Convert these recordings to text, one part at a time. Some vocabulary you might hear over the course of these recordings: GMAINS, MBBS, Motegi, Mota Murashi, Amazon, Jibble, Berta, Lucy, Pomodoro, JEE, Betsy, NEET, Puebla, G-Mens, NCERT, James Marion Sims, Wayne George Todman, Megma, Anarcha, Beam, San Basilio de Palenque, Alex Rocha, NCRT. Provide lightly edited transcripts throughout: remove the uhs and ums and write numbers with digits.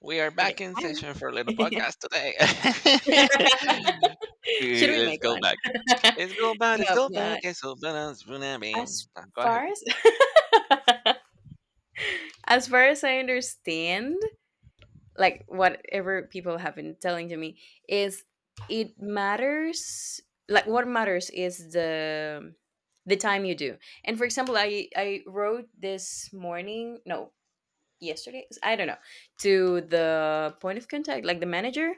We are Okay. back in Hi. session for a little podcast today. Should we Let's make go one? back. Let's go back. Let's No, go back. not Yes, So but, It's so balance, as Go far as as far as I understand, like whatever people have been telling to me is it matters, like what matters is the time you do. And for example, I wrote this morning, no, yesterday, I don't know, to the point of contact, like the manager,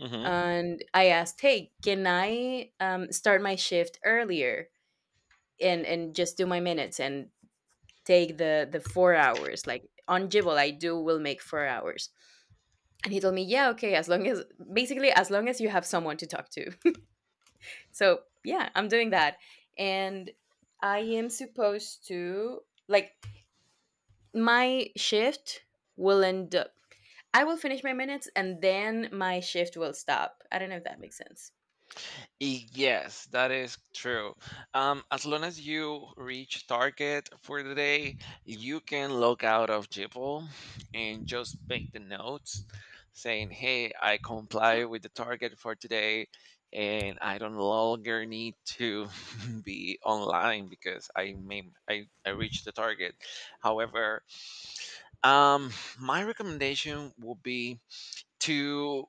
ahead. and I asked, "Hey, can I start my shift earlier and just do my minutes and take the 4 hours? Like on Jibble, I do will make 4 hours." And he told me, "Yeah, okay, as long as basically as long as you have someone to talk to." So yeah, I'm doing that, and I am supposed to, like, my shift will end up. I will finish my minutes and then my shift will stop. I don't know if that makes sense. Yes, that is true. As long as you reach target for the day, you can log out of Jibble and just make the notes saying, "Hey, I comply with the target for today, and I don't longer need to be online because I made I reached the target." However, um, my recommendation would be to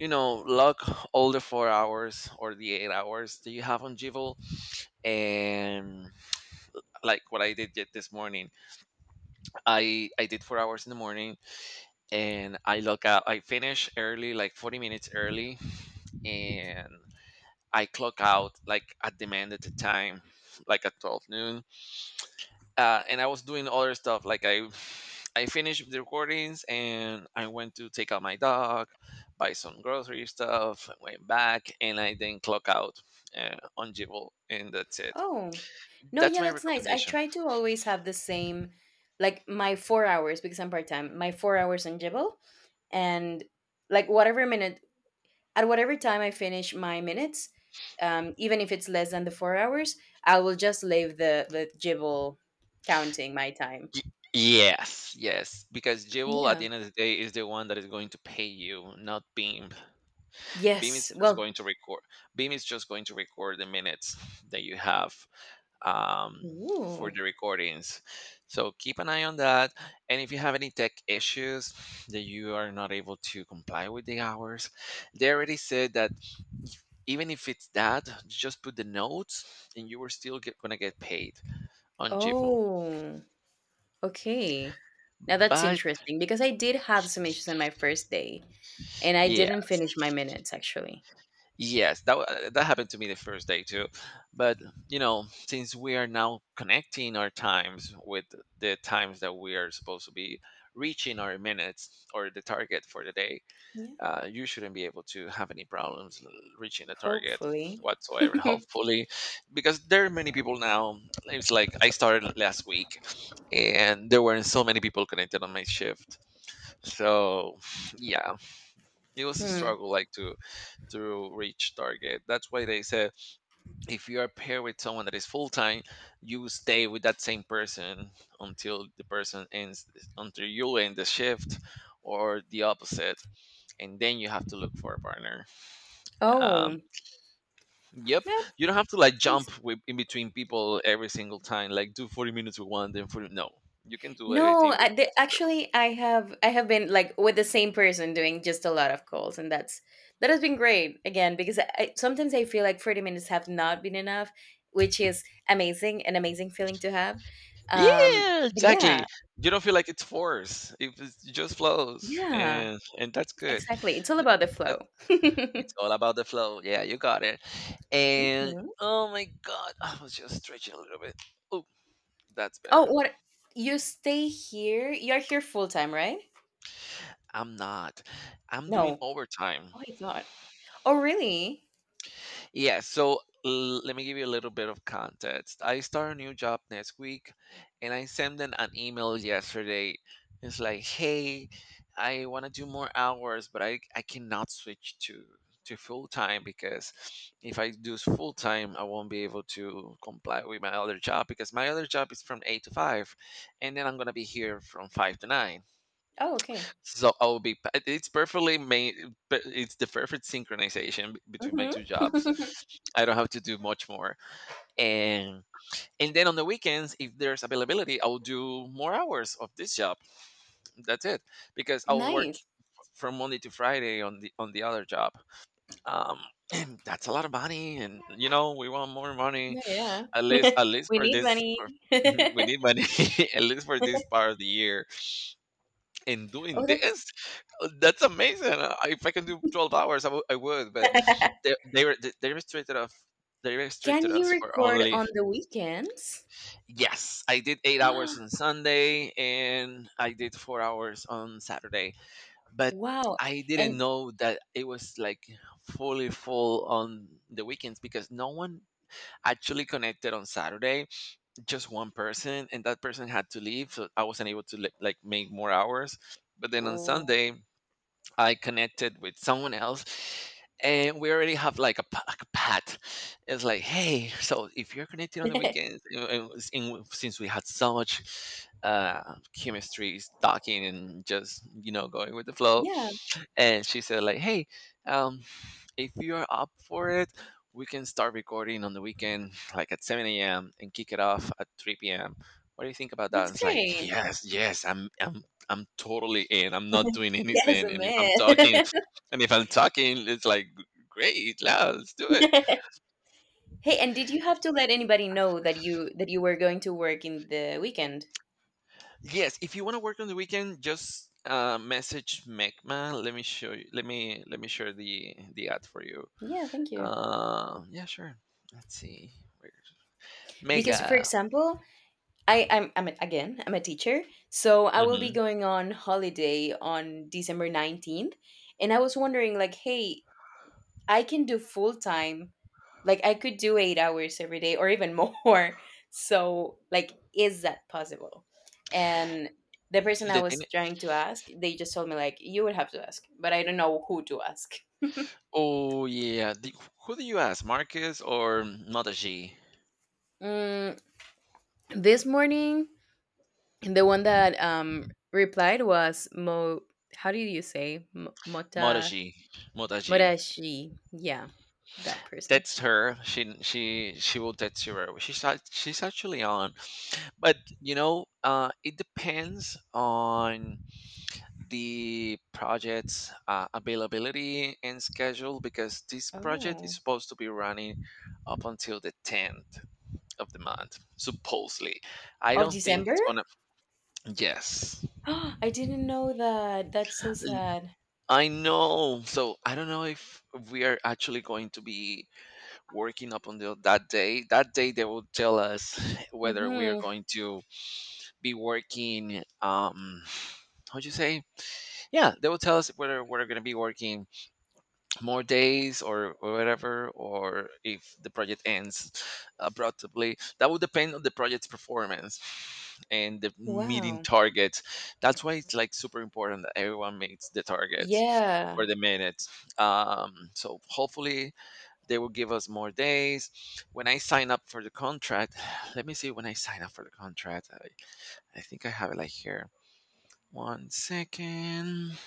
lock all the 4 hours or the 8 hours that you have on Jivel, and like what I did yet this morning I did 4 hours in the morning and I log out I finish early like 40 minutes early and I clock out like at the mandated time, like at 12 noon, and I was doing other stuff. Like I, I finished the recordings and I went to take out my dog, buy some grocery stuff, went back, and I then clock out on Jibble, and that's it. Oh, no, That's yeah, my that's nice. I recommendation. try to always have the same, like my 4 hours because I'm part time. My 4 hours on Jibble, and like whatever minute at whatever time I finish my minutes, even if it's less than the 4 hours, I will just leave the Jibble counting my time. Y- Yes, yes, because Jibble at the Yeah. end of the day is the one that is going to pay you, not Beam. Beam is Yes. just Well. going to record. Beam is just going to record the minutes that you have, um, for Ooh. the recordings. So keep an eye on that. And if you have any tech issues that you are not able to comply with the hours, they already said that even if it's that, just put the notes, and you are still gonna get paid on Jiffle. Oh. Okay. Now that's But interesting because I did have some issues on my first day, and I didn't yes, finish my minutes actually. yes, that that happened to me the first day too. But you know, since we are now connecting our times with the times that we are supposed to be reaching our minutes or the target for the day, Yeah, you shouldn't be able to have any problems reaching the target hopefully. whatsoever. Hopefully, because there are many people now. It's like I started last week, and there weren't so many people connected on my shift. So yeah, it was a Hmm. struggle. Like to reach target. That's why they said if you are paired with someone that is full time, you stay with that same person until the person ends, until you end the shift, or the opposite, and then you have to look for a partner. Um, Oh, yep, yeah, you don't have to like that's nice. In between people every single time. Like do 40 minutes with one, then 40. No, you can do everything No, with a partner. actually, I have been like with the same person doing just a lot of calls, and that has been great again because sometimes I feel like 30 minutes have not been enough, which is amazing, an amazing feeling to have. Um, Yeah, but exactly. yeah, You don't feel like it's force. If it's, it just flows, yeah, and that's good. exactly. It's all about the flow. It's all about the flow. Yeah, you got it. And Mhm. oh my god, I was just stretching a little bit. Oh, that's better. Oh, what, you stay here? You're here full time, right? I'm not. I'm doing No. overtime. Oh, I thought. Oh, really? Yeah, so let me give you a little bit of context. I start a new job next week, and I sent them an email yesterday. It's like, hey, I want to do more hours, but I cannot switch to full time, because if I do full time, I won't be able to comply with my other job because my other job is from eight to five, and then I'm gonna be here from five to nine. Oh, okay. So I will be. Pa- It's perfectly made, but It's the perfect synchronization between my Mhm. two jobs. I don't have to do much more. And and then on the weekends, if there's availability, I'll do more hours of this job. That's it, because I'll work Nice. from Monday to Friday on the other job. Um, that's a lot of money, and you know we want more money. Yeah, At yeah. least, at least We for need this, money. We need money. at least for this part of the year. And doing Oh, that's this, that's amazing. If I can do 12 hours, I would, but they they, were, they they restricted us they Can restricted you us for record only. on the weekends? Yes, I did 8 hours on Sunday, and I did 4 hours on Saturday, but Wow. I didn't And know that it was like fully full on the weekends because no one actually connected on Saturday, just one person, and that person had to leave, so I wasn't able to like make more hours. But then on Sunday oh. I connected with someone else, and we already have like like a pat. It's like, hey, so if you're connected on the weekends, you and since we had so much chemistry, talking and just, you know, going with the flow, Yeah, and she said like, hey, um if you're up for it, we can start recording on the weekend like at 7 a.m and kick it off at 3 p.m. What do you think about that? that's It's like, great. yes, yes, I'm totally in. I'm not doing Yes, anything, a and if I'm talking, man. It's like great. Yeah, let's do it. Hey, and did you have to let anybody know that you were going to work in the weekend? Yes, if you want to work on the weekend, just, message Mecma. Let me show you. Let me share the ad for you. Yeah, thank you. Yeah, sure, let's see. Because, for Mega. example, I, I'm a- again, I'm a teacher. So I will be Mhm. going on holiday on December 19th. And I was wondering, like, hey, I can do full time. Like, I could do 8 hours every day or even more. So, like, is that possible? And the person I The thing, was trying to ask, they just told me, like, you would have to ask, but I don't know who to ask. oh, yeah. The Who do you ask, Marcus or Motegi? Mm, this morning, the one that replied was Mo. How do you say Mota Motegi. Motegi. Murashi. Yeah, that person. Text her. She will text you right away. She's actually on, but you know, it depends on the project's availability and schedule, because this project is Oh, supposed to be running up until the tenth of the month, supposedly. I of don't think December? it's gonna. Yes, I didn't know that. That's so sad. I know. So I don't know if we are actually going to be working up until that day. That day they will tell us whether we are Mm-hmm. going to be working. How'd you say? Yeah, they will tell us whether we're going to be working more days or whatever, or if the project ends abruptly. That would depend on the project's performance and the meeting Wow. targets. That's why it's like super important that everyone meets the targets for Yeah. the minutes. So hopefully they will give us more days. When I sign up for the contract, let me see, when I sign up for the contract, I think I have it like here. One second.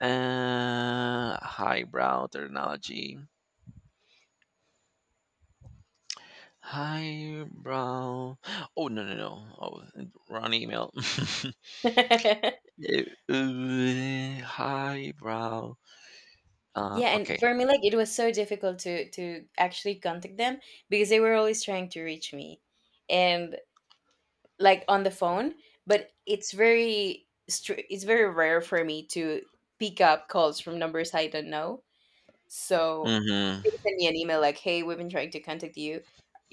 Highbrow technology. Hi, bro. Oh, no, no, no. Oh, wrong email. Yeah, Hi, bro. And Okay. for me, like it was so difficult to actually contact them because they were always trying to reach me, and like on the phone. But it's it's very rare for me to pick up calls from numbers I don't know. So they Mm-hmm. sent me an email like, "Hey, we've been trying to contact you.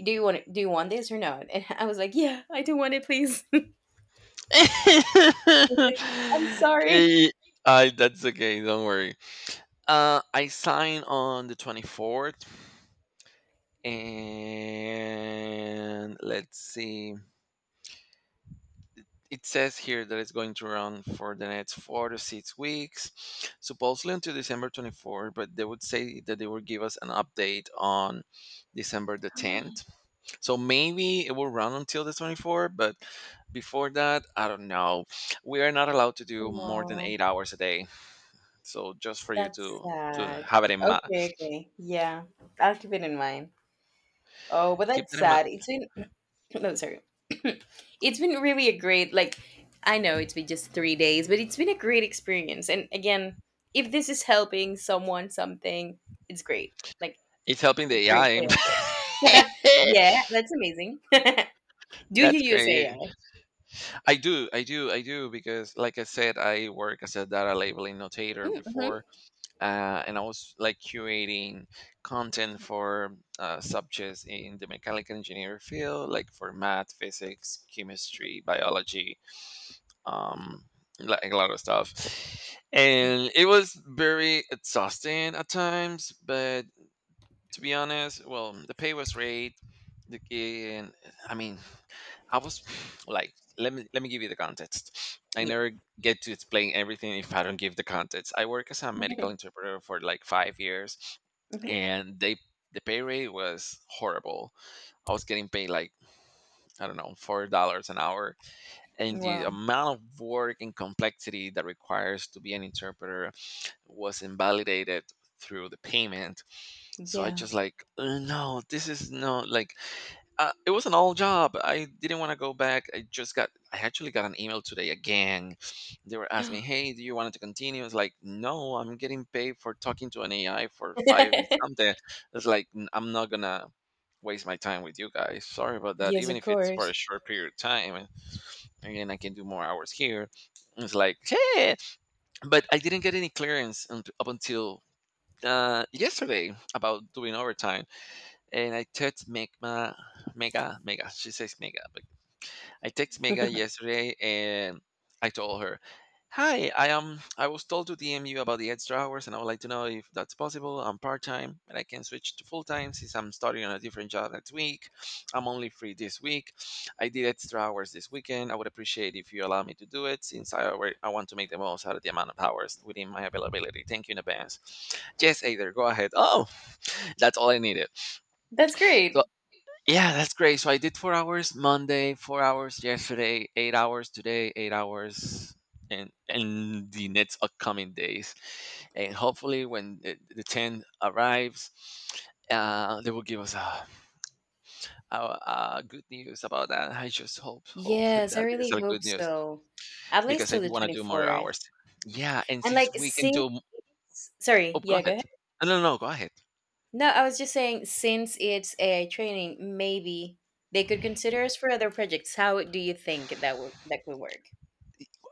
Do you want this or not?" And I was like, "Yeah, I do want it, please." I'm sorry. Eh, that's okay, don't worry. I sign on the 24th, and let's see. It says here that it's going to run for the next 4 to 6 weeks, supposedly until December 24th, but they would say that they would give us an update on December the 10th. So maybe it will run until the 24th, but before that, I don't know. We are not allowed to do more than Oh, 8 hours a day. So just for you that's to sad. have it in mind, Okay, okay. Yeah, I'll keep it in mind. Oh, but keep that's that in mind. sad. It's been no, sorry. It's been really a great, like, I know it's been just 3 days, but it's been a great experience. And again, if this is helping someone something, it's great. Like It's helping the AI. Briefly, I Yeah, that's amazing. Do you That's use great. AI? I do, because like I said, I work as a data labeling notator Mm, mhm. before, and I was like curating content for subjects in the mechanical engineering field, like for math, physics, chemistry, biology, um, like a lot of stuff. Yeah. And it was very exhausting at times, but to be honest, well, the pay was great. The, and I mean, I was like, let me give you the context. I Yeah. never get to explain everything if I don't give the context. I work as a medical interpreter for like 5 years, Mhm. and the pay rate was horrible. I was getting paid like, I don't know, $4 an hour, and the Wow. amount of work and complexity that requires to be an interpreter was invalidated through the payment. So I Yeah. just like, No, this is no," like, it was an old job. I didn't want to go back. I actually got an email today again. They were asking me, hey, do you want to continue? It's like, no, I'm getting paid for talking to an AI for five and something. It's like, I'm not going to waste my time with you guys. Sorry about that." Yes, Even of if it's for a course. short period of time, and again, I can do more hours here. It's like, hey, but I didn't get any clearance up until, yesterday about doing overtime. And I text Megma, Mega, Mega. She says Mega, but I text Mega yesterday, and I told her, "Hi, I am. I was told to DM you about the extra hours, and I would like to know if that's possible. I'm part time, and I can switch to full time since I'm starting on a different job next week. I'm only free this week. I did extra hours this weekend. I would appreciate if you allow me to do it since I want to make the most out of the amount of hours within my availability. Thank you in advance. Yes, Aether, go ahead. Oh, that's all I needed. That's great. So yeah, that's great. So I did 4 hours Monday, 4 hours yesterday, 8 hours today, 8 hours and in the next upcoming days, and hopefully when the ten arrives, they will give us uh, good news about that. I just hope Yes, I that is really a good hope news so. At least because I till the do want to do more 24th. hours. Yeah, and And like since we can since, do, oh, sorry, go yeah, go ahead. ahead. No, no, no, go ahead. No, I was just saying since it's AI training, maybe they could consider us for other projects. How do you think that could work?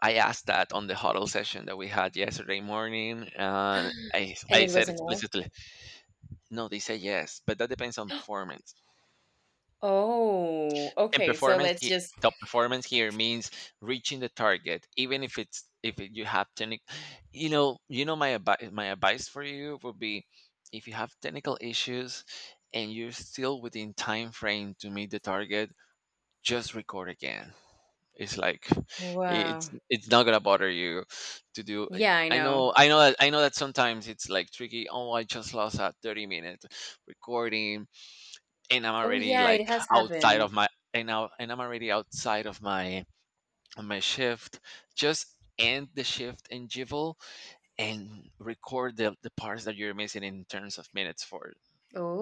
I asked that on the huddle session that we had yesterday morning. Uh, I, And I it was said a no? explicitly, no, they say yes, but that depends on performance. Oh, And okay. So performance, let's just top performance here means reaching the target, even if it's if it, you have technical. You know, my advice. My advice for you would be, if you have technical issues and you're still within time frame to meet the target, just record again. It's like wow. it's not gonna bother you to do. Like, Yeah, I know. I know that sometimes it's like tricky. Oh, I just lost that 30 minutes recording and I'm Oh, already yeah, it like has outside happened. of my, and now and I'm already outside of my, of my shift. Just end the shift in Jivel and record the parts that you're missing in terms of minutes for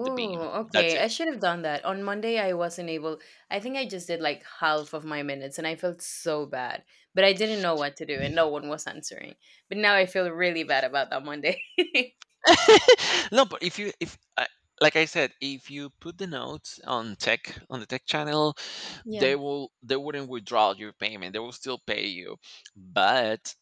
the beam. That's okay. I it. should have done that. On Monday, I wasn't able. I think I just did like half of my minutes and I felt so bad. But I didn't know what to do and no one was answering. But now I feel really bad about that Monday. No, but if you if I like I said, if you put the notes on tech channel, Yeah. They wouldn't withdraw your payment. They will still pay you, but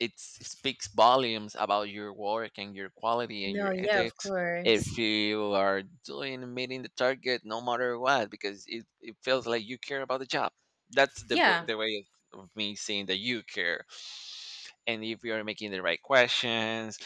speaks volumes about your work and your quality and No, your yeah, of ethics course. if you are doing meeting the target no matter what, because it feels like you care about the job. That's Yeah. the way of me seeing that you care, and if you are making the right questions,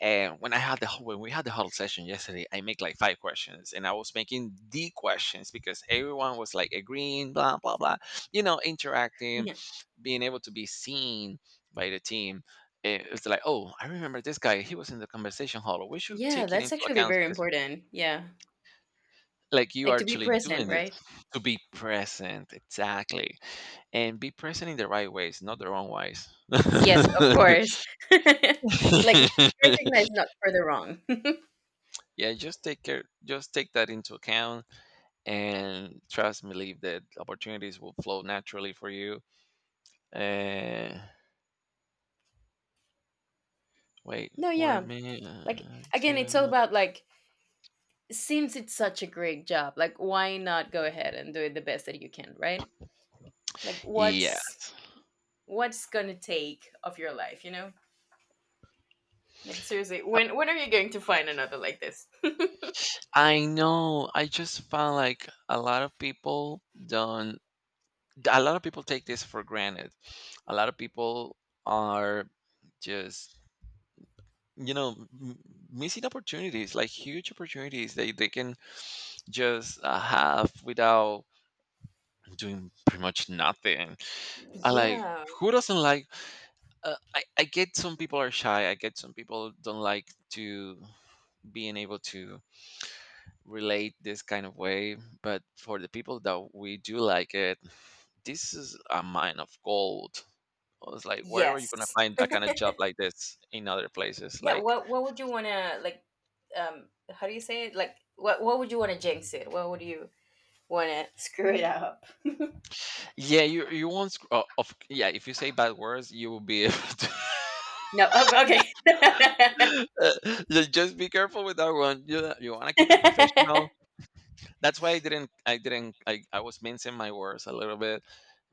and when we had the huddle session yesterday I make like five questions, and I was making the questions because everyone was like agreeing, blah blah blah, you know, interacting, Yeah. being able to be seen by the team. It was like, oh, I remember this guy. He was in the conversation hall. We should Yeah, take it that's into actually account very because, important. Yeah. like, you are Like, to be actually present, doing this right? to be present, exactly, and be present in the right ways, not the wrong ways. Yes, of course. Like recognize not for the wrong. Yeah, just take care. Just take that into account, and trust, me, believe that opportunities will flow naturally for you. Uh, Wait, No, where yeah. me? Like again, it's Yeah. all about like since it's such a great job, like why not go ahead and do it the best that you can, right? Like what's Yes. what's gonna take of your life, you know? Like seriously, when are you going to find another like this? I know. I just found like a lot of people don't. A lot of people take this for granted. A lot of people are just, you know, m- missing opportunities, like huge opportunities they can just have without doing pretty much nothing. I like Yeah. who doesn't like. I get some people are shy. I get some people don't like to being able to relate this kind of way, but for the people that we do like it, this is a mine of gold. I was like, where are you gonna Yes. find a kind of job like this in other places? Yeah. Like, What would you wanna like? How do you say it? Like what would you wanna jinx it? What would you wanna screw it up? yeah, you won't sc- of yeah, if you say bad words you will be able to. No. Oh, okay. Uh, just be careful with that one. You want to keep it professional. That's why I didn't I didn't I was mincing my words a little bit,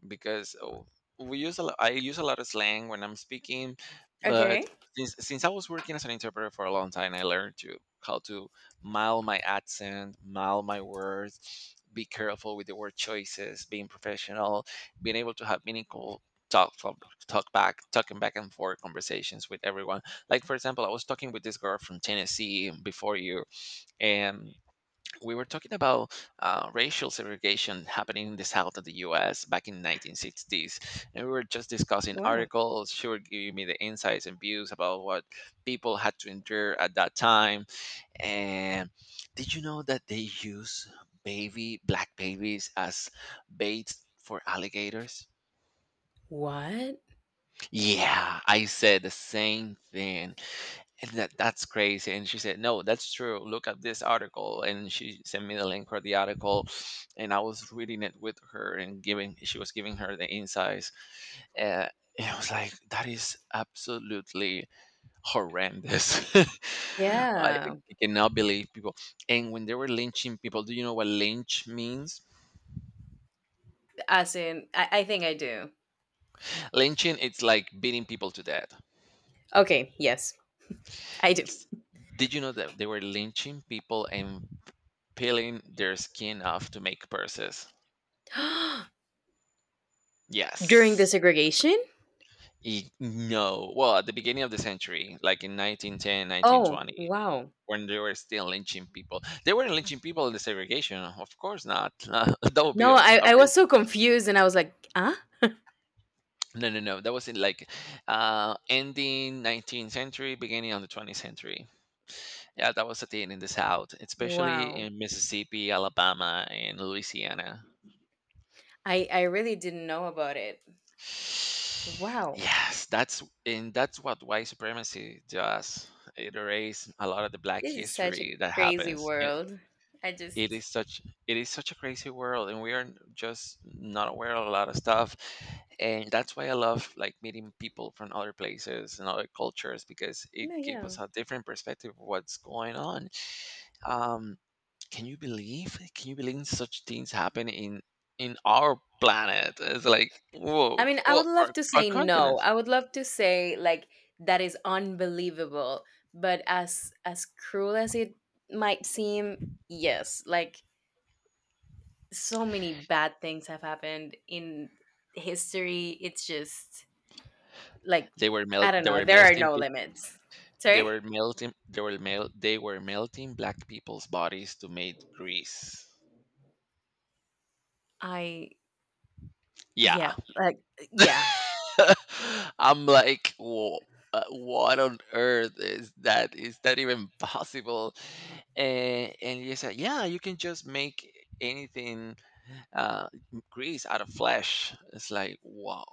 because oh, we use a lot, I use a lot of slang when I'm speaking, but Okay. since I was working as an interpreter for a long time, I learned to how to mild my accent, mild my words, be careful with the word choices, being professional, being able to have meaningful talk talking back and forth conversations with everyone. Like for example, I was talking with this girl from Tennessee before you, and we were talking about racial segregation happening in the south of the U.S. back in 1960s, and we were just discussing Wow. articles. She were giving me the insights and views about what people had to endure at that time. And did you know that they use baby black babies as bait for alligators? What? Yeah, I said the same thing. And that's crazy. And she said, no, that's true. Look at this article. And she sent me the link for the article. And I was reading it with her and giving she was giving her the insights. Uh, and I was like, that is absolutely horrendous. I Yeah. cannot believe people. And when they were lynching people, do you know what lynch means? As in, I think I do. Lynching, it's like beating people to death. Okay. Yes, I do. S- Did you know that they were lynching people and peeling their skin off to make purses? During the Yes. segregation? No. Well, at the beginning of the century, like in 1910, Oh, 1920, wow. when they were still lynching people, they weren't lynching people in the segregation. Of course not. That would be No, I, a I was so confused and I was like, huh? no, no, no. That was in like ending 19th century, beginning of the 20th century. Yeah, that was a thing in the South, especially Wow. in Mississippi, Alabama, and Louisiana. I really didn't know about it. Wow. Yes, that's, and that's what white supremacy does. It erases a lot of the black This is such a history that crazy happens. World. I it is just, such it is such a crazy world, and we are just not aware of a lot of stuff. And that's why I love like meeting people from other places and other cultures, because it no, gives us yeah. a different perspective of what's going on. Um, can you believe such things happen in our planet? It's like, whoa. I mean, I Well, would love to our say continent, no. I would love to say like that is unbelievable, but as cruel as it might seem, yes, like so many bad things have happened in history. It's just like they were melt I don't they know, were there are melting no peop limits. they Sorry? were melting they were mel- they were melting black people's bodies to make grease. I Yeah. yeah, like yeah. I'm like, whoa. What on earth is that? Is that even possible? And you said, yeah, you can just make anything, uh, grace out of flesh. It's like, wow,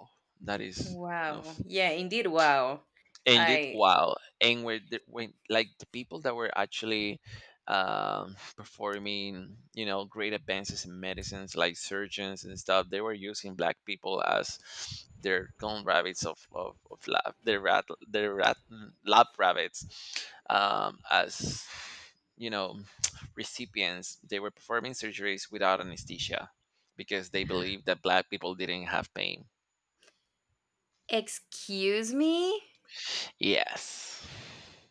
that is, you know, Wow. Yeah, indeed wow. and did I well and where the, when like the people that were actually performing, you know, great advances in medicines, like surgeons and stuff, they were using black people as their clone rabbits of lab, lab rabbits, as you know recipients. They were performing surgeries without anesthesia because they believed that black people didn't have pain. excuse me? Yes.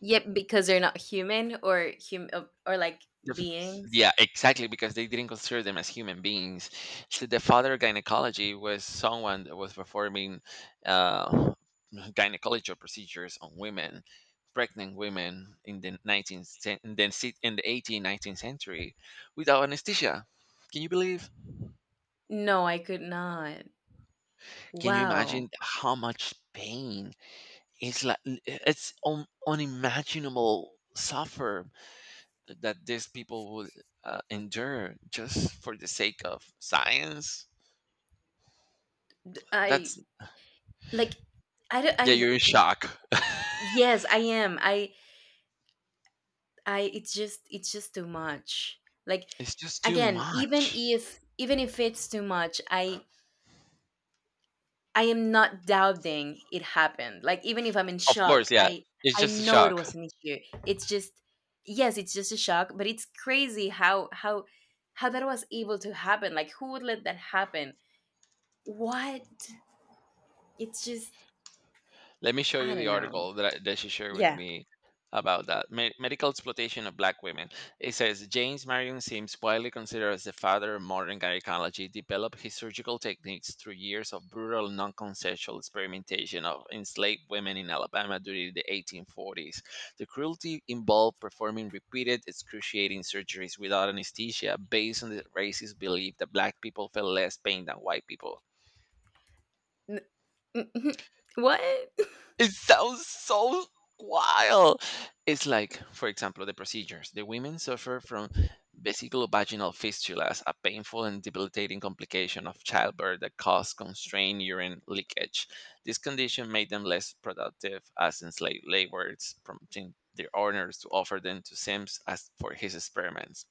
Yep, because they're not human or hum or like The beings. Yeah, exactly, because they didn't consider them as human beings. So the father gynecology was someone that was performing uh, gynecological procedures on women, pregnant women in the 19th, cen- in the si- in the 18th, 19th century, without anesthesia. Can you believe? No, I could not. Can you Wow. imagine how much pain? It's like it's unimaginable suffer that these people would endure just for the sake of science. I That's, like I don't yeah, I you're in shock. yes, I am. I it's just too much. Like It's just too again, even much. if even if it's too much, I am not doubting it happened. Like even if I'm in Of course. shock, Yeah, I it's I just a know it shock. was an issue. It's just yes, it's just a shock, but it's crazy how that was able to happen. Like who would let that happen? What? It's just Let me show I you the don't know. article that, that she shared with Yeah. me about that. Medical exploitation of black women. It says James Marion Sims, widely considered as the father of modern gynecology, developed his surgical techniques through years of brutal, non consensual experimentation of enslaved women in Alabama during the 1840s. The cruelty involved performing repeated, excruciating surgeries without anesthesia based on the racist belief that black people felt less pain than white people. N- what? It sounds so wild. It's like, for example, the procedures. The women suffer from vesicovaginal fistulas, a painful and debilitating complication of childbirth that causes constrained urine leakage. This condition made them less productive as enslaved laborers, prompting their owners to offer them to Sims as for his experiments.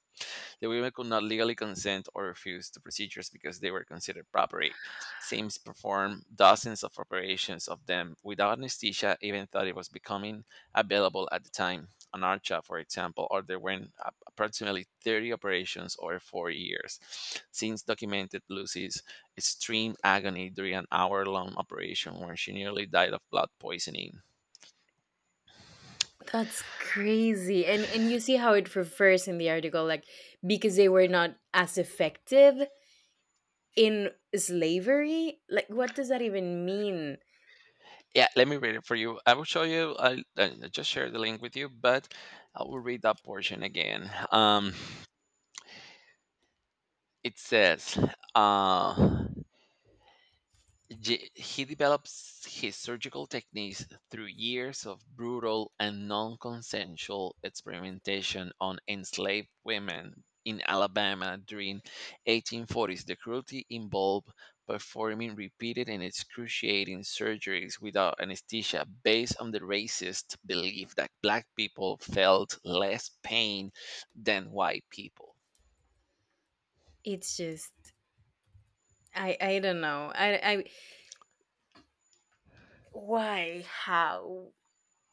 The women could not legally consent or refuse to procedures because they were considered property. Sims performed dozens of operations of them without anesthesia, even though it was becoming available at the time. An Archa, for example, underwent approximately 30 operations over 4 years. Sims documented Lucy's extreme agony during an hour long operation where she nearly died of blood poisoning. That's crazy. And you see how it refers in the article like because they were not as effective in slavery? Like what does that even mean? Yeah, let me read it for you. I will show you. I just share the link with you, but I will read that portion again. It says, uh, he develops his surgical techniques through years of brutal and non consensual experimentation on enslaved women in Alabama during 1840s. The cruelty involved performing repeated and excruciating surgeries without anesthesia based on the racist belief that black people felt less pain than white people. It's just I don't know. I why how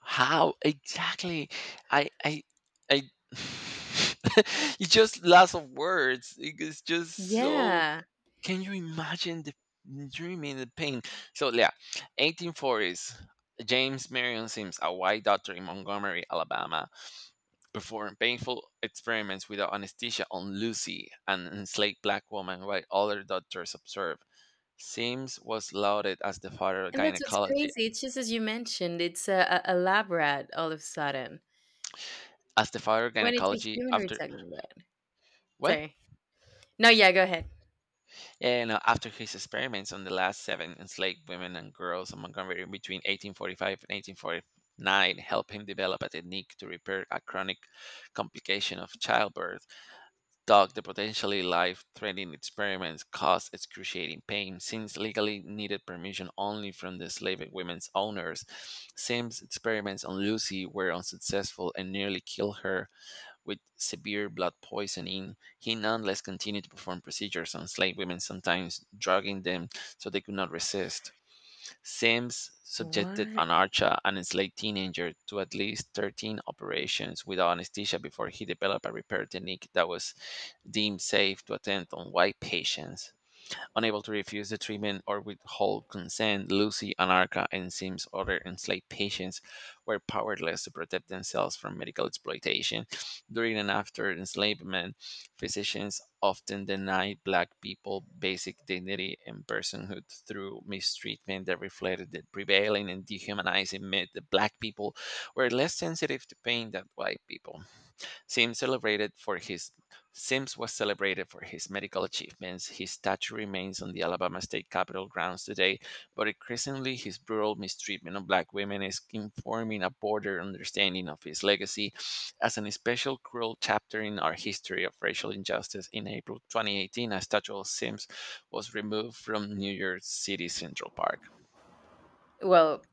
How exactly? I I I It's just lots of words. It is just so. yeah, Can you imagine the dreaming the pain? So yeah, 1840s. James Marion Sims, a white doctor in Montgomery, Alabama, performed painful experiments without anesthesia on Lucy, an enslaved black woman, while other doctors observed. Sims was lauded as the father of and that's what's gynecology. crazy. It's just as you mentioned, it's a lab rat all of a sudden As the father of when it's a gynecology human we're after talking about. what? Sorry. No, yeah, go ahead. Yeah, you after his experiments on the last seven enslaved women and girls in Montgomery between 1845 and 1849 helped him develop a technique to repair a chronic complication of childbirth, Doug, the potentially life-threatening experiments caused excruciating pain, since legally needed permission only from the enslaved women's owners. Sims' experiments on Lucy were unsuccessful and nearly killed her with severe blood poisoning. He nonetheless continued to perform procedures on slave women, sometimes drugging them so they could not resist. Sims subjected What? an Archa, an enslaved teenager, to at least 13 operations without anesthesia before he developed a repair technique that was deemed safe to attempt on white patients. Unable to refuse the treatment or withhold consent, Lucy, Anarcha, and Sims' other enslaved patients were powerless to protect themselves from medical exploitation. During and after enslavement, physicians often denied Black people basic dignity and personhood through mistreatment that reflected the prevailing and dehumanizing myth that Black people were less sensitive to pain than white people. Sims celebrated for his Sims was celebrated for his medical achievements. His statue remains on the Alabama State Capitol grounds today, but increasingly his brutal mistreatment of black women is informing a broader understanding of his legacy as an especial cruel chapter in our history of racial injustice. In April 2018, a statue of Sims was removed from New York City Central Park. Well,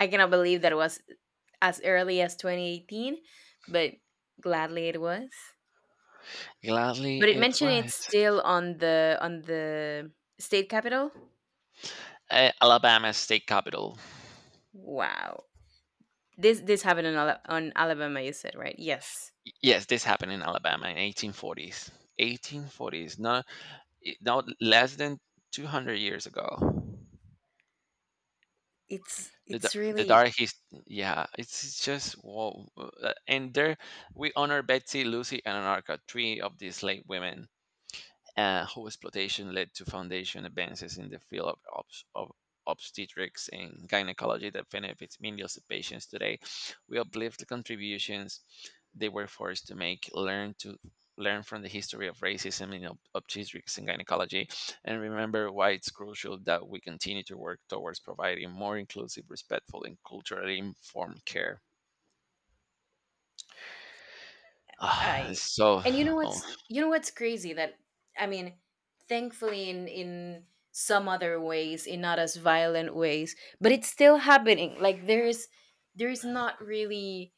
I cannot believe that it was as early as 2018, but gladly it was. Gladly But it it mentioned was. it's still on the state capital. Eh, Alabama State Capitol. Wow. This happened on Alabama, you said, right? Yes. Yes, this happened in Alabama in 1840s. 1840s, not not less than 200 years ago. It's The, da- it's the really dark his yeah, it's just whoa. And there we honor Betsy, Lucy, and Anarka, three of these slave women whose exploitation led to foundation advances in the field of, of obstetrics and gynecology that benefits millions of patients today. We uplift the contributions they were forced to make, learn from the history of racism in obstetrics and gynecology, and remember why it's crucial that we continue to work towards providing more inclusive, respectful, and culturally informed care. Ah, I so, and you know oh, what's you know what's crazy that I mean, thankfully in some other ways, in not as violent ways, but it's still happening. Like there's not really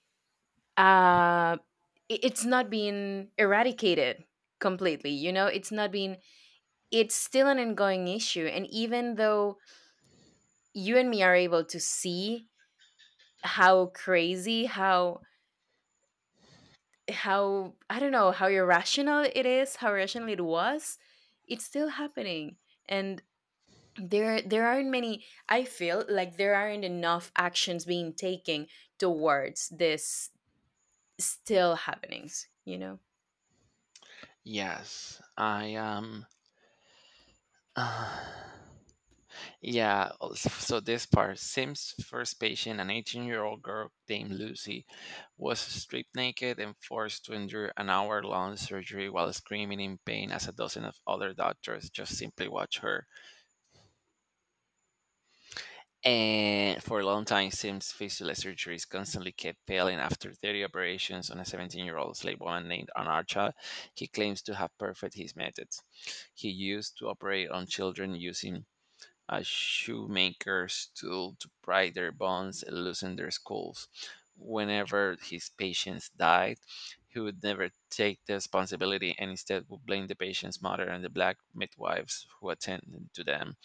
uh it's not being eradicated completely, you know? It's not being It's still an ongoing issue and even though you and me are able to see how crazy, how I don't know how irrational it is, how irrational it was, it's still happening. And there aren't many I feel like there aren't enough actions being taken towards this still happenings, you know? yes, I am. So this part Sims' first patient, an 18-year-old girl named Lucy, was stripped naked and forced to endure an hour long surgery while screaming in pain as a dozen of other doctors just simply watched her. And for a long time, Sims' fistula surgeries constantly kept failing after 30 operations on a 17-year-old slave woman named Anarcha. He claims to have perfected his methods. He used to operate on children using a shoemaker's tool to pry their bones and loosen their skulls. Whenever his patients died, he would never take the responsibility and instead would blame the patient's mother and the black midwives who attended to them.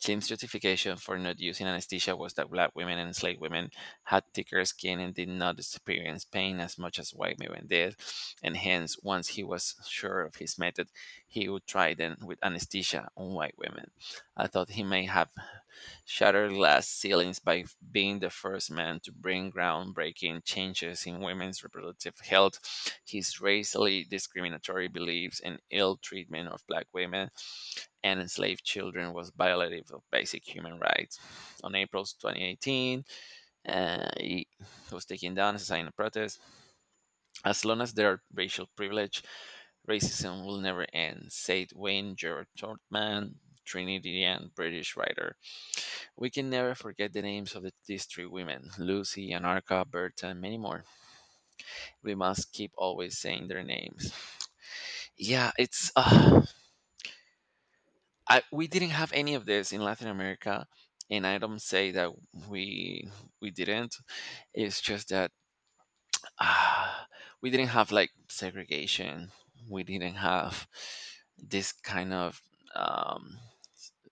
Jim's justification for not using anesthesia was that black women and enslaved women had thicker skin and did not experience pain as much as white women did, and hence, once he was sure of his method, he would try them with anesthesia on white women. I thought he may have shattered glass ceilings by being the first man to bring groundbreaking changes in women's reproductive health. His racially discriminatory beliefs and ill treatment of black women and enslaved children was violative of basic human rights. On April 2018, he was taken down as a sign of protest. As long as there are racial privilege, racism will never end, said Wayne George Todman, Trinidadian British writer we can never forget the names of the, these three women Lucy, Anarka, Berta, and many more. We must keep always saying their names. Yeah, it's. We didn't have any of this in Latin America. And I don't say that we we didn't. It's just that uh, we didn't have like segregation. We didn't have this kind of um,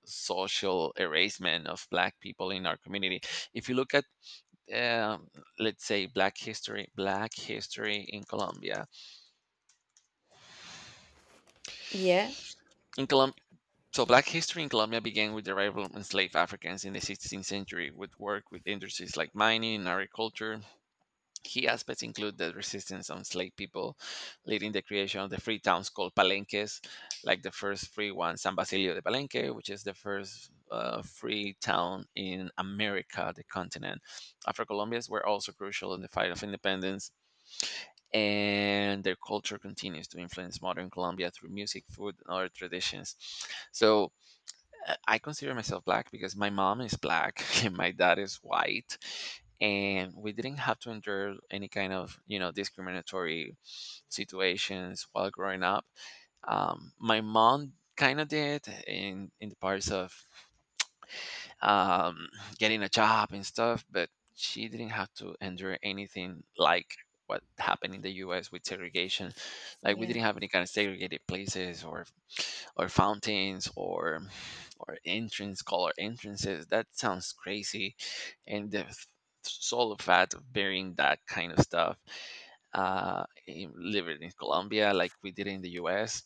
social erasement of black people in our community. If you look at um, let's say black history in colombia Yeah. in Colom- so black history in colombia began with the arrival of enslaved africans in the 16th century with work with industries like mining and agriculture key aspects include the resistance of enslaved people leading the creation of the free towns called palenques like the first free one san basilio de palenque which is the first free town in america the continent afro colombians were also crucial in the fight of independence and their culture continues to influence modern Colombia through music, food, and other traditions. So I consider myself black because my mom is black and my dad is white, and we didn't have to endure any kind of you know discriminatory situations while growing up. My mom kind of did in the parts of um, getting a job and stuff, but she didn't have to endure anything like what happened in the U.S. with segregation. Like we Yeah. didn't have any kind of segregated places or fountains or entrance color entrances. That sounds crazy, and solo fact of burying that kind of stuff living in Colombia, like we did in the U.S.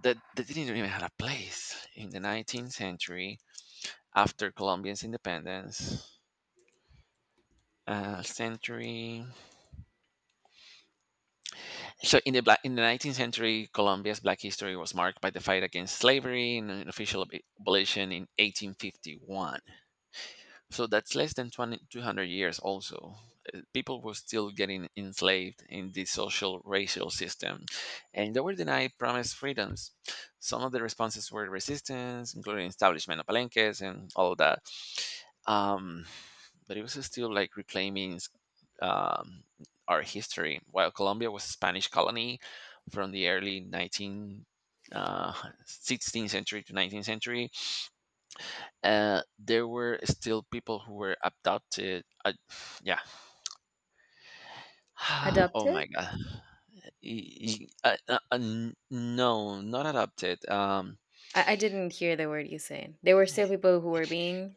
That they didn't even have a place in the 19th century after Colombia's independence. Century. So in the 19th century, Colombia's black history was marked by the fight against slavery and an official abolition in 1851. So that's less than 2,200 years also. People were still getting enslaved in the social racial system, and they were denied promised freedoms. Some of the responses were resistance, including establishment of palenques and all of that. Um, but it was still like reclaiming um, our history. While Colombia was a Spanish colony from the early 19, uh, 16th century to 19th century, there were still people who were abducted. Yeah. Oh Adopted? my god. No, not adopted. I didn't hear the word you said. There were still people who were being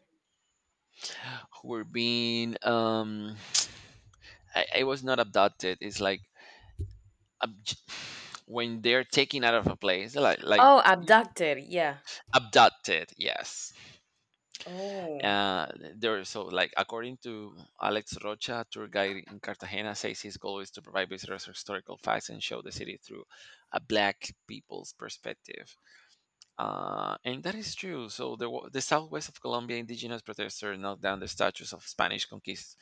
Who were being I was not abducted. It's like abj- when they're taken out of a place, like Oh, y- abducted, yeah. abducted. Yes. Oh. Uh, there, so like according to Alex Rocha, tour guide in Cartagena, says his goal is to provide visitors historical facts and show the city through a black people's perspective. And that is true. So the southwest of Colombia, indigenous protesters knocked down the statues of Spanish conquist,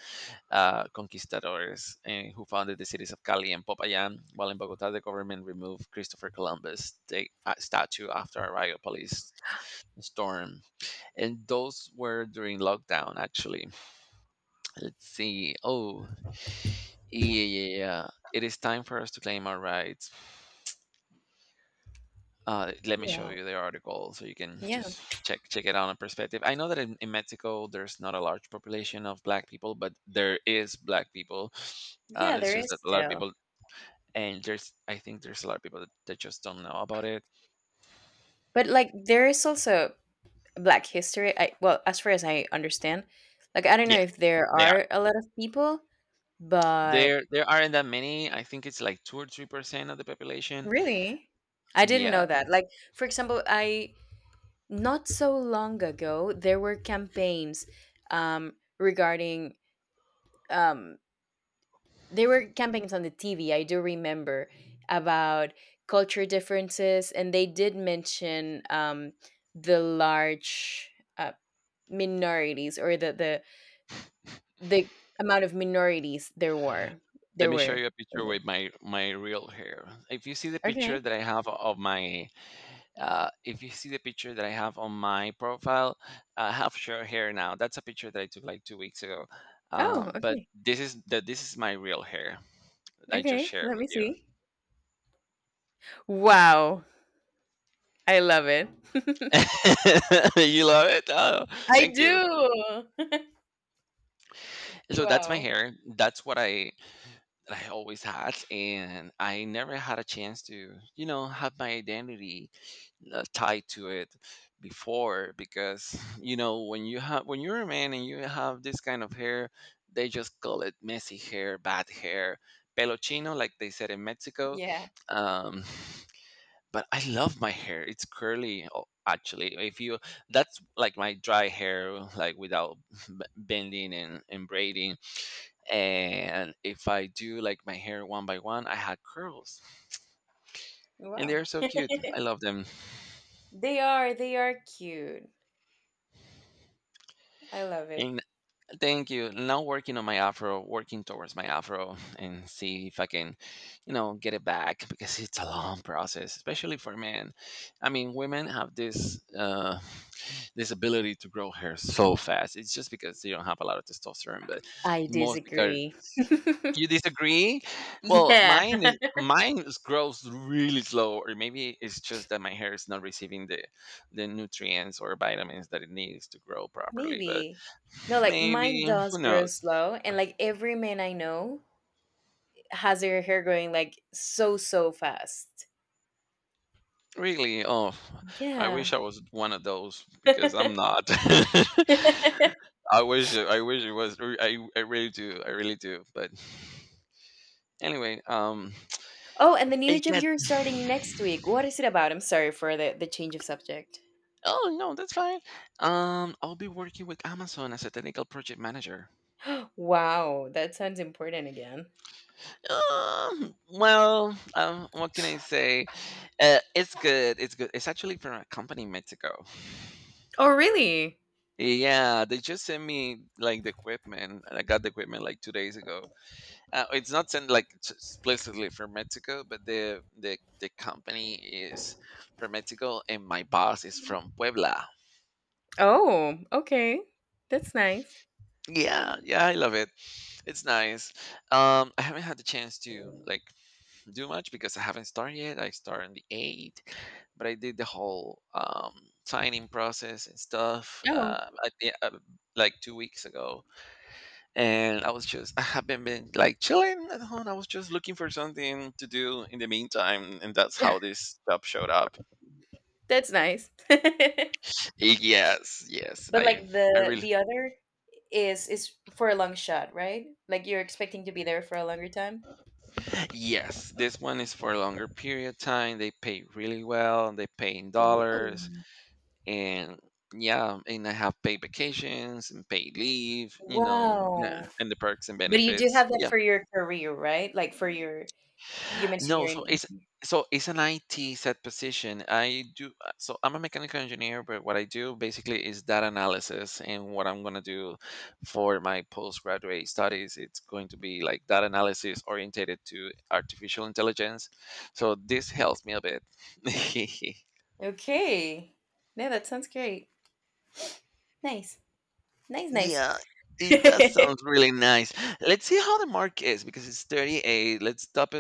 uh, conquistadors eh, who founded the cities of Cali and Popayán, while in Bogotá, the government removed Christopher Columbus' statue after a riot police storm and those were during lockdown actually let's see oh yeah, yeah, yeah, it is time for us to claim our rights. Let me show Wow. you the article so you can Yeah. just check it out in perspective. I know that in mexico there's not a large population of black people but there is black people. Yeah, It's there just is that a lot of still. people and there's I think there's a lot of people that just don't know about it. But like there is also Black history. I well, as far as I understand, like I don't know Yeah, if there they are are a lot of people, but there aren't that many I think it's like two or three percent of the population. really, I didn't Yeah. know that. Like for example, I not so long ago there were campaigns regarding um, there were campaigns on the TV. I do remember about culture differences, and they did mention the large uh, minorities or the amount of minorities there were Let there me show were you a picture in the with my real hair. If you see the picture Okay. that I have of my, if you see the picture that I have on my profile, I have short hair now. That's a picture that I took like two weeks ago. Oh, But okay. this is the this is my real hair. I just Okay, shared let with me you. see. Wow. I love it. You love it? Oh, I thank you. do. So that's my Wow. hair. That's what I that I always had, and I never had a chance to, you know, have my identity tied to it before because you know when you're a man and you have this kind of hair they just call it messy hair bad hair pelo chino like they said in mexico. Yeah. um but I love my hair. It's curly. Actually if you that's like my dry hair like without bending and braiding and if I do like my hair one by one I had curls and Wow. they're so cute I love them. They are cute. I love it. And thank you. Now working towards my afro, and see if I can, you know, get it back because it's a long process, especially for men. I mean, women have this this ability to grow hair so fast. It's just because they don't have a lot of testosterone, but I most because. disagree. You disagree? Well, Yeah. Mine is grows really slow, or maybe it's just that my hair is not receiving the nutrients or vitamins that it needs to grow properly. But Maybe. No, like mine maybe who does grow knows? slow and like every man I know has their hair growing like so so fast. Really? Oh, I Yeah. wish I was one of those because I'm not. I wish it was. I really do. I really do. But anyway, Oh, and the new it job you're gets. starting next week. What is it about? I'm sorry for the change of subject. Oh no, that's fine. I'll be working with Amazon as a technical project manager. Wow, that sounds important again. What can I say? It's good. It's good. It's actually from a company in Mexico. Oh, really? Yeah, they just sent me like the equipment, and I got the equipment like two days ago. It's not sent like explicitly from Mexico, but the company is from Mexico, and my boss is from Puebla. Oh, okay. That's nice. Yeah, yeah, I love it. It's nice. I haven't had the chance to do much because I haven't started yet. I start on the eighth, but I did the whole signing process and stuff Oh, like two weeks ago, and I was just I haven't been like chilling at home. I was just looking for something to do in the meantime, and that's how this job showed up. that's nice. But Yes, yes, like I the really. the other is for a long shot, right? Like you're expecting to be there for a longer time? Yes, this one is for a longer period time. They pay really well. They pay in dollars, Ooh. and yeah, and I have paid vacations and paid leave, you know, Wow. and the perks and But you do benefits. have that Yeah. for your career, right? Like for your you mentioned No, you're an intern. so it's an IT set position. I do so I'm a mechanical engineer, but what I do basically is data analysis, and what I'm gonna do for my postgraduate studies, it's going to be like data analysis orientated to artificial intelligence. So this helps me a bit. Okay. No, that sounds great. Nice. Nice, Yeah, it does nice. sound really nice. Let's see how the mark is because it's 38. Let's stop